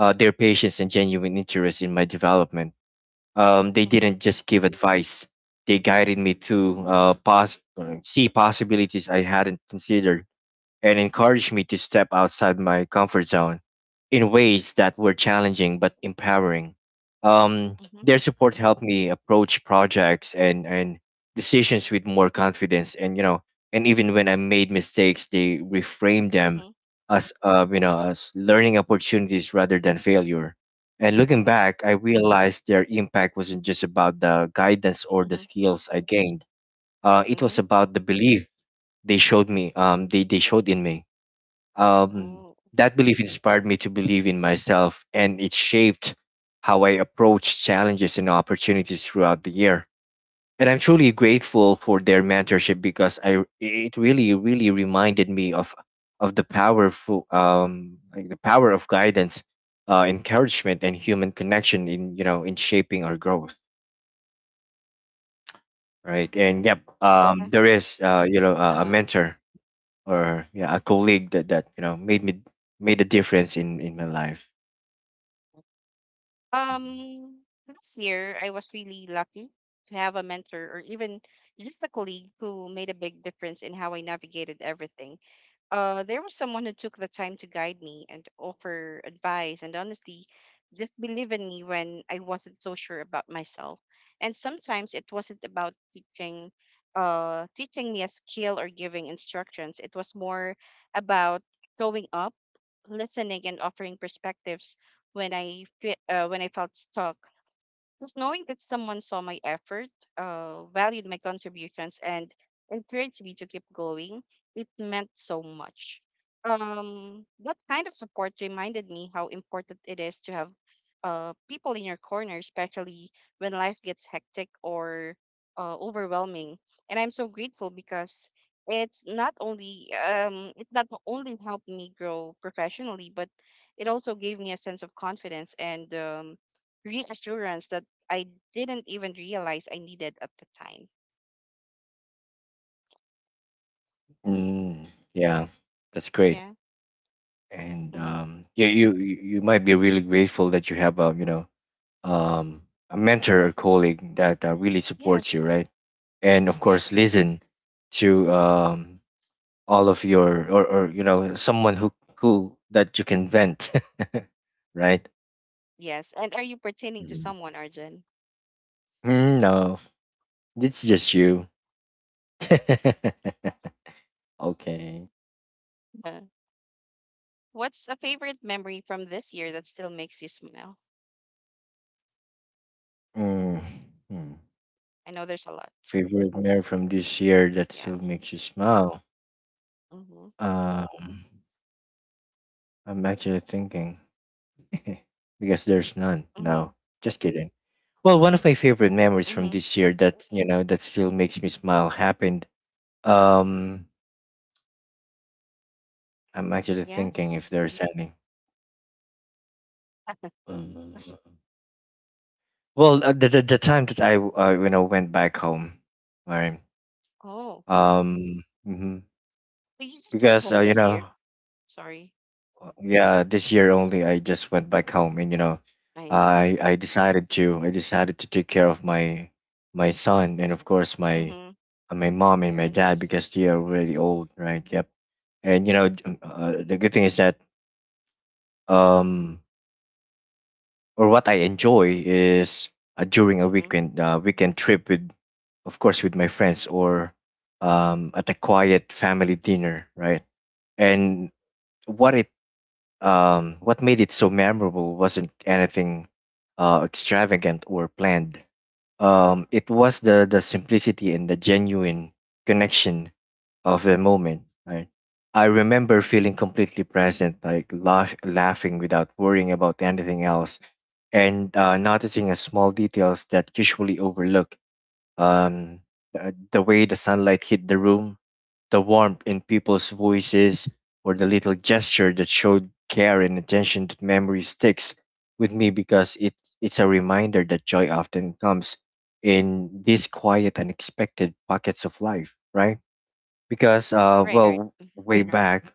uh, their patience and genuine interest in my development. Um, they Mm-hmm. didn't just give advice; they guided me to, uh, pos- uh, see possibilities I hadn't considered, and encouraged me to step outside my comfort zone in ways that were challenging but empowering. Um, Mm-hmm. their support helped me approach projects and, and decisions with more confidence. And, you know, and even when I made mistakes, they reframed them Mm-hmm. as, uh, you know, as learning opportunities rather than failure. And looking Mm-hmm. back, I realized their impact wasn't just about the guidance or the Mm-hmm. skills I gained. Uh, it Mm-hmm. was about the belief they showed me, um, they, they showed in me um, Oh, that belief inspired me to believe in myself, and it shaped how I approach challenges and opportunities throughout the year. And I'm truly grateful for their mentorship because I it really really reminded me of of the powerful um like the power of guidance, uh, encouragement, and human connection in you know in shaping our growth. Right, and yep, yeah. um, there is uh, you know a a Uh-huh. mentor or yeah a colleague that that you know made me made a difference in in my life. Mhm. Um, Last year I was really lucky to have a mentor or even just a colleague who made a big difference in how I navigated everything. Uh, there was someone who took the time to guide me and offer advice, and honestly, just believe in me when I wasn't so sure about myself. And sometimes it wasn't about teaching, uh, teaching me a skill or giving instructions. It was more about showing up, listening, and offering perspectives when I fe- uh, when I felt stuck. Just knowing that someone saw my effort, uh, valued my contributions, and encouraged me to keep going, it meant so much. Um, that kind of support reminded me how important it is to have uh, people in your corner, especially when life gets hectic or uh, overwhelming. And I'm so grateful because it's not only um, it not only helped me grow professionally, but it also gave me a sense of confidence and um, reassurance that I didn't even realize I needed at the time. Mm, yeah, that's great. Yeah. And Mm-hmm. um, yeah, you you you might be really grateful that you have a you know um, a mentor or colleague that uh, really supports you, Yes. right? And of course, Yes. listen to um, all of your or, or you know someone who who that you can vent, right? Yes. And are you pertaining to Mhm. someone, Arjun? Mm, no, it's just you. Okay. Uh, What's a favorite memory from this year that still makes you smile? Mm, hmm. I know there's a lot. Favorite memory from this year that Yeah. still makes you smile? Mm-hmm. Um, I'm actually thinking because there's none. Mm-hmm. No, just kidding. Well, one of my favorite memories from Mm-hmm. this year that you know that still makes me smile happened. Um, I'm actually thinking if Yes. there's any. Uh, Well, uh, the, the the time that I uh, you know went back home, right? Oh. Um, mhm. But you just went because uh, home you this year? know Sorry. Yeah, this year only I just went back home and you know, I see. I I decided to I decided to take care of my my son and of course my Mm-hmm. uh, my mom and my dad Parents. because they are really old, right? Yep. And you know, j- um, uh, the good thing is that um or what I enjoy is uh, during a Mm-hmm. weekend uh, weekend trip with of course with my friends or um at a quiet family dinner, right? And what it Um, what made it so memorable wasn't anything uh, extravagant or planned. Um, it was the, the simplicity and the genuine connection of the moment. Right? I remember feeling completely present, like laugh, laughing without worrying about anything else, and uh, noticing a small details that usually overlook um, uh, the way the sunlight hit the room, the warmth in people's voices, or the little gesture that showed care and attention. That memory sticks with me because it, it's a reminder that joy often comes in these quiet, unexpected pockets of life, right? Because, uh, Right, right. well, way Correct. Back,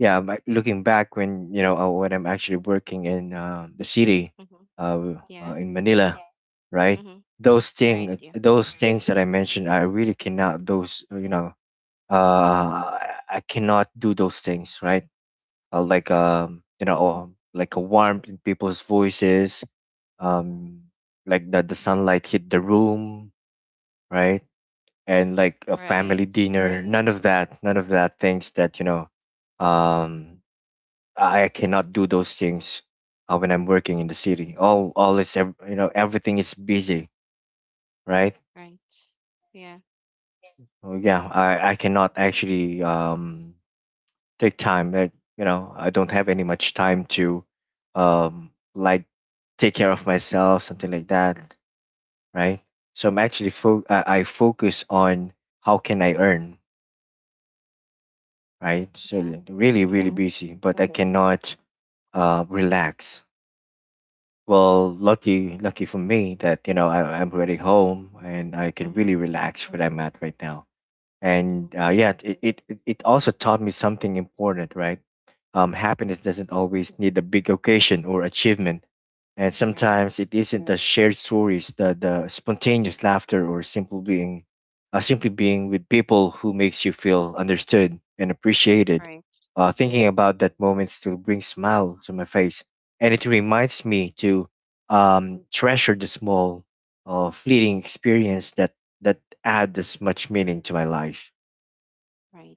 yeah, but looking back when you know uh, when I'm actually working in um, the city, Mm-hmm. uh, uh, Yeah. in Manila, right? Mm-hmm. those thing Right. uh, Yeah. Those things that I mentioned I really cannot those uh, you know uh I cannot do those things, right? Uh, like Mm-hmm. um you know um, like a warmth in people's voices, um like the, the sunlight hit the room, right, and like a Right. family dinner. None of that none of that things that you know um I cannot do those things uh, when I'm working in the city. All all is ev- you know everything is busy, right? Right. Yeah. Oh yeah, I I cannot actually um take time. Like you know, I don't have any much time to um like take care of myself, something like that, right? So I'm actually fo- I, I focus on how can I earn, right? Yeah. So really really Mm-hmm. hmm busy, but I hmm cannot uh relax. Well, lucky, lucky for me that you know I, I'm already home and I can Mm-hmm. really relax where I'm at right now. Mm-hmm. And uh, yeah, it, it it it also taught me something important, right? Um, Mm-hmm. happiness doesn't always need a big occasion or achievement, and Right. sometimes it isn't the shared stories, the the spontaneous laughter, or simple being, uh, simply being with people who makes you feel understood and appreciated. Right. Uh, Mm-hmm. Thinking about that moment still brings smile to my face, and it reminds me to um, treasure the small, uh, fleeting experience that that add this much meaning to my life.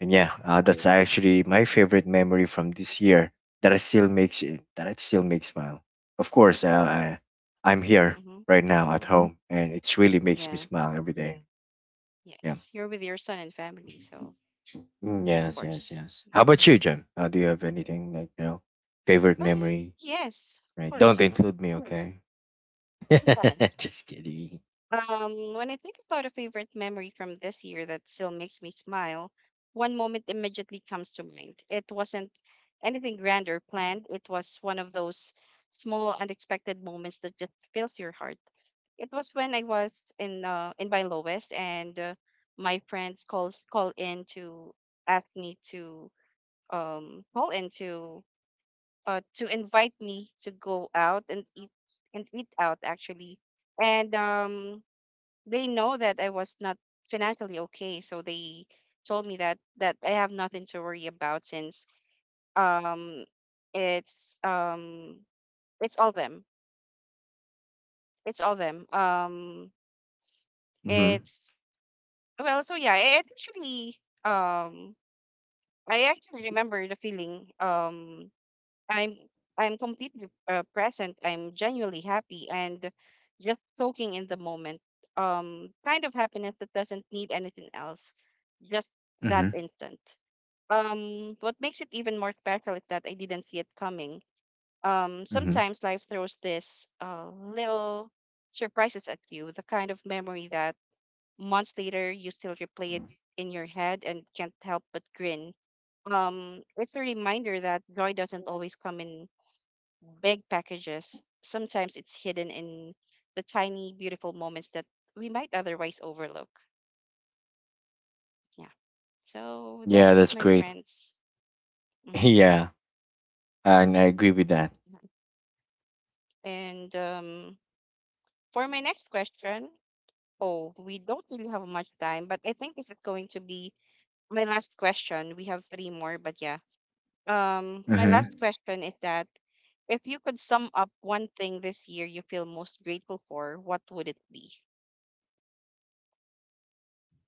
And yeah, uh, that's actually my favorite memory from this year that I still makes it, that I still makes smile. Of course, uh, I, I'm here Mm-hmm. right now at home, and it really makes me Yeah. smile every day. Yeah. Yes. You're with your son and family, so of Mm, yes, yes, course. yes. How about Mm-hmm. you, Jem? Uh, do you have anything like you know, favorite memory? Yes, of Right. Don't course. include me, okay? Just kidding. Mhm. Um, when I think about a favorite memory from this year that still makes me smile, one moment immediately comes to mind. It wasn't anything grand or planned. It was one of those small, unexpected moments that just fills your heart. It was when I was in uh, in my lowest, and uh, my friends calls call in to ask me to um call in to uh to invite me to go out and eat and eat out actually, and um they know that I was not financially okay, so they told me that that I have nothing to worry about since um it's um it's all them it's all them um Mhm. it's Well, so yeah, I actually um I actually remember the feeling. Um I'm I'm completely uh, present. I'm genuinely happy and just soaking in the moment. Um kind of happiness that doesn't need anything else. Just that Mhm. instant. Um what makes it even more special is that I didn't see it coming. Um Mhm. Sometimes life throws this uh little surprises at you, the kind of memory that months later you still replay it in your head and can't help but grin. Um, it's a reminder that joy doesn't always come in big packages. Sometimes it's hidden in the tiny, beautiful moments that we might otherwise overlook. Yeah. So Yeah, that's that's my great. friends. hmm Yeah, and I agree with that. And um, for my next question, oh, we don't really have much time, but I think this is going to be my last question. We have three more, but yeah. Um, my Mhm. last question is that if you could sum up one thing this year you feel most grateful for, what would it be?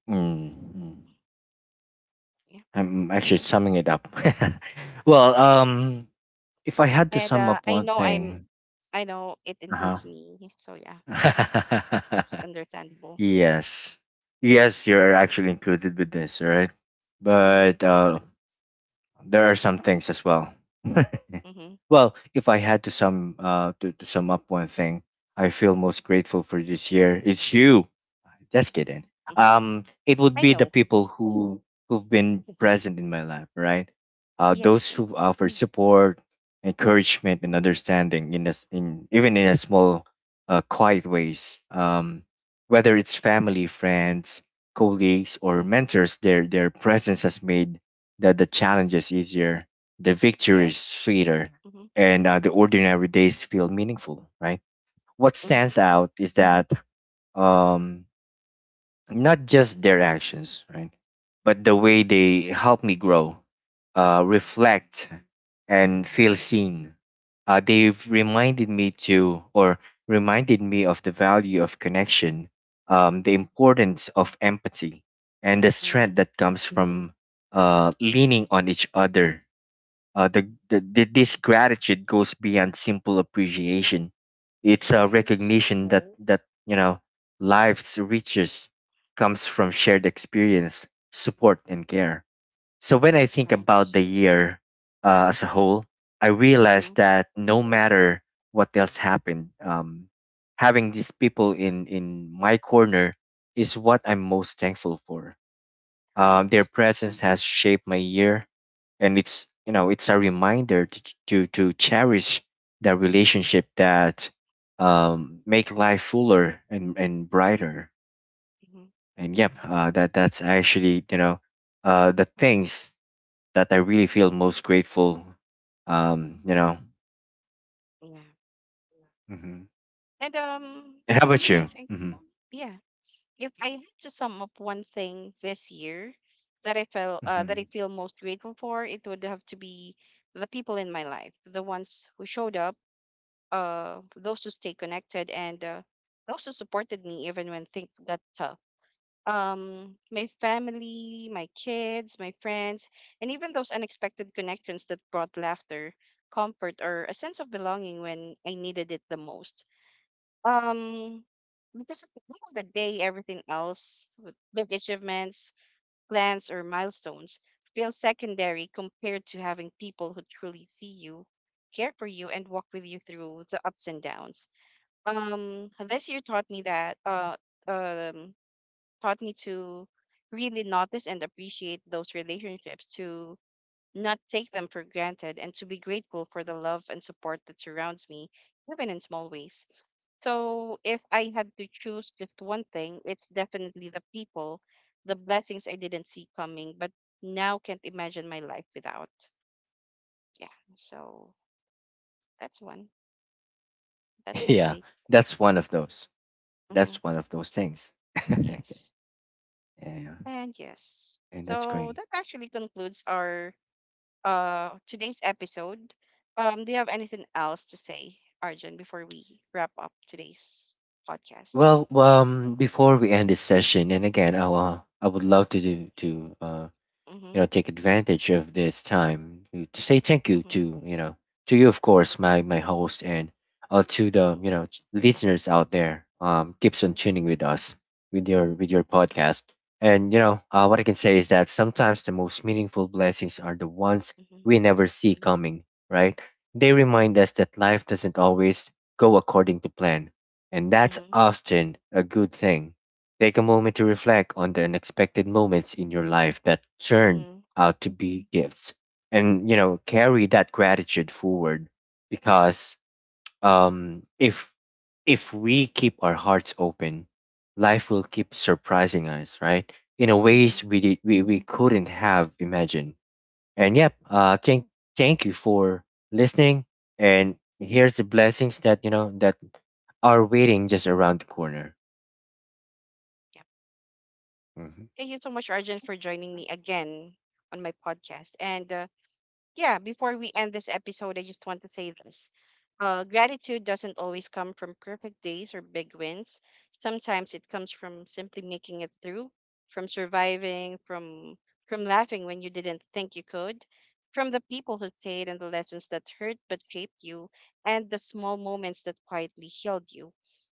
Mm-hmm. Mm, mm. Yeah, I'm actually summing it up. Well, yeah. um, if I had to And sum uh, up I one know I'm, thing, I know it uh includes me, so yeah, huh. that's understandable. Yes, yes, you're Mm-hmm, actually included with this, right? mm-hmm, But uh, there are some things as well. mm-hmm, Well, if I had to sum uh to, to sum up one thing I feel most grateful for this year, it's you. Just kidding. mm-hmm. Um, it would I be the know. people who who've been present in my life, right? Uh, Yes, those and who offer support, encouragement, and understanding in a, s- in even in a small, uh, quiet ways. Um, whether it's family, friends, colleagues, or mentors, their their presence has made the the challenges easier, the victories yes. sweeter, Mm-hmm, and uh, the mm-hmm, ordinary days feel meaningful, right? What mm-hmm, stands out is that um not just their actions, right? But the way they help me grow, uh, reflect, and feel seen. Uh, they've reminded me to, or reminded me of the value of connection, um, the importance of empathy, and the mm-hmm. strength that comes from uh, leaning on each other. Uh, the, the, the- this gratitude goes beyond simple appreciation. It's a Right, recognition that, hmm that you know life's riches comes from shared experience, support, and care. So when I think right. about the year uh, as a whole, I realize Mm-hmm, that no matter what else happened, um, having these people in in my corner is what I'm most thankful for. Um, their right. presence has shaped my year, and it's you know it's a reminder to to, to cherish the relationship that um, make life fuller and, and brighter. Mm-hmm, And yep, uh, that that's actually you know uh, the things that I really feel most grateful. Um, you know. yeah. hmm And um, And how for about me, I you? think, hmm yeah. If I had to sum up one thing this year that I felt uh, that I hmm feel most grateful for, it would have to be the people in my life, the ones who showed up, uh, those who stayed connected, and uh, those who supported me even when things got tough. Um, my family, my kids, my friends, and even those unexpected connections that brought laughter, comfort, or a sense of belonging when I needed it the most. Um, because at the end of the day, everything else, with big achievements, plans, or milestones, feel secondary compared to having people who truly see you, care for you, and walk with you through the ups and downs. Um, this year taught me that, uh, um, taught me to really notice and appreciate those relationships, to not take them for granted, and to be grateful for the love and support that surrounds me, even in small ways. So if I had to choose just one thing, it's definitely the people, the blessings I didn't see coming, but now can't imagine my life without. Yeah. So that's one. That's my Yeah, take. that's one of those. hmm That's one of those things. Okay. Yes. Yeah, yeah. And yes. And that's So great. that actually concludes our uh today's episode. Um, do you have anything else to say, Arjun, before we wrap up today's podcast? Well, um, before we end this session, and again, I uh, I would love to do to uh, Mm-hmm. you know take advantage of this time to, to say thank you Mm-hmm. to you know to you, of course, my my host, and uh, to the Mm-hmm. you know listeners out there, um keeps on tuning with us with your with your podcast. And you know uh, what I can say is that sometimes the most meaningful blessings are the ones Mm-hmm. we never see coming, right? They remind us that life doesn't always go according to plan, and that's Mm-hmm. often a good thing. Take a moment to reflect on the unexpected moments in your life that turned Mm-hmm. out to be gifts, and you know carry that gratitude forward because um if if we keep our hearts open, life will keep surprising us, right, in a Mm-hmm. ways we did we, we couldn't have imagined. And yep, uh thank thank you for listening, and here's the blessings that you know that are waiting just around the corner. Mhm. Thank you so much, Arjun, for joining me again on my podcast. And uh, yeah, before we end this episode, I just want to say this. Uh, gratitude doesn't always come from perfect days or big wins. Sometimes it comes from simply making it through, from surviving, from from laughing when you didn't think you could, from the people who stayed and the lessons that hurt but shaped you, and the small moments that quietly healed you.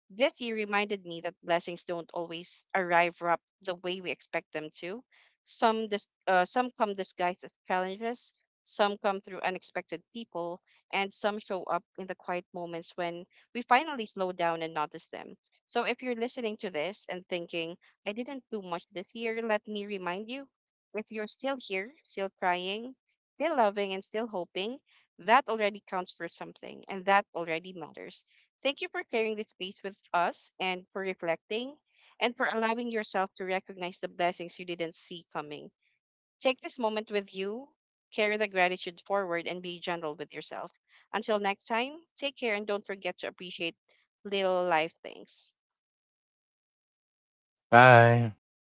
This year reminded me that blessings don't always arrive wrapped the way we expect them to. Some dis- uh, some come disguised as challenges, some come through unexpected people, and some show up in the quiet moments when we finally slow down and notice them. So if you're listening to this and thinking, I didn't do much this year, let me remind you, if you're still here, still crying, still loving and still hoping, that already counts for something and that already matters. Thank you for sharing this space with us and for reflecting and for allowing yourself to recognize the blessings you didn't see coming. Take this moment with you, carry the gratitude forward, and be gentle with yourself. Until next time, take care and don't forget to appreciate little life things. Bye.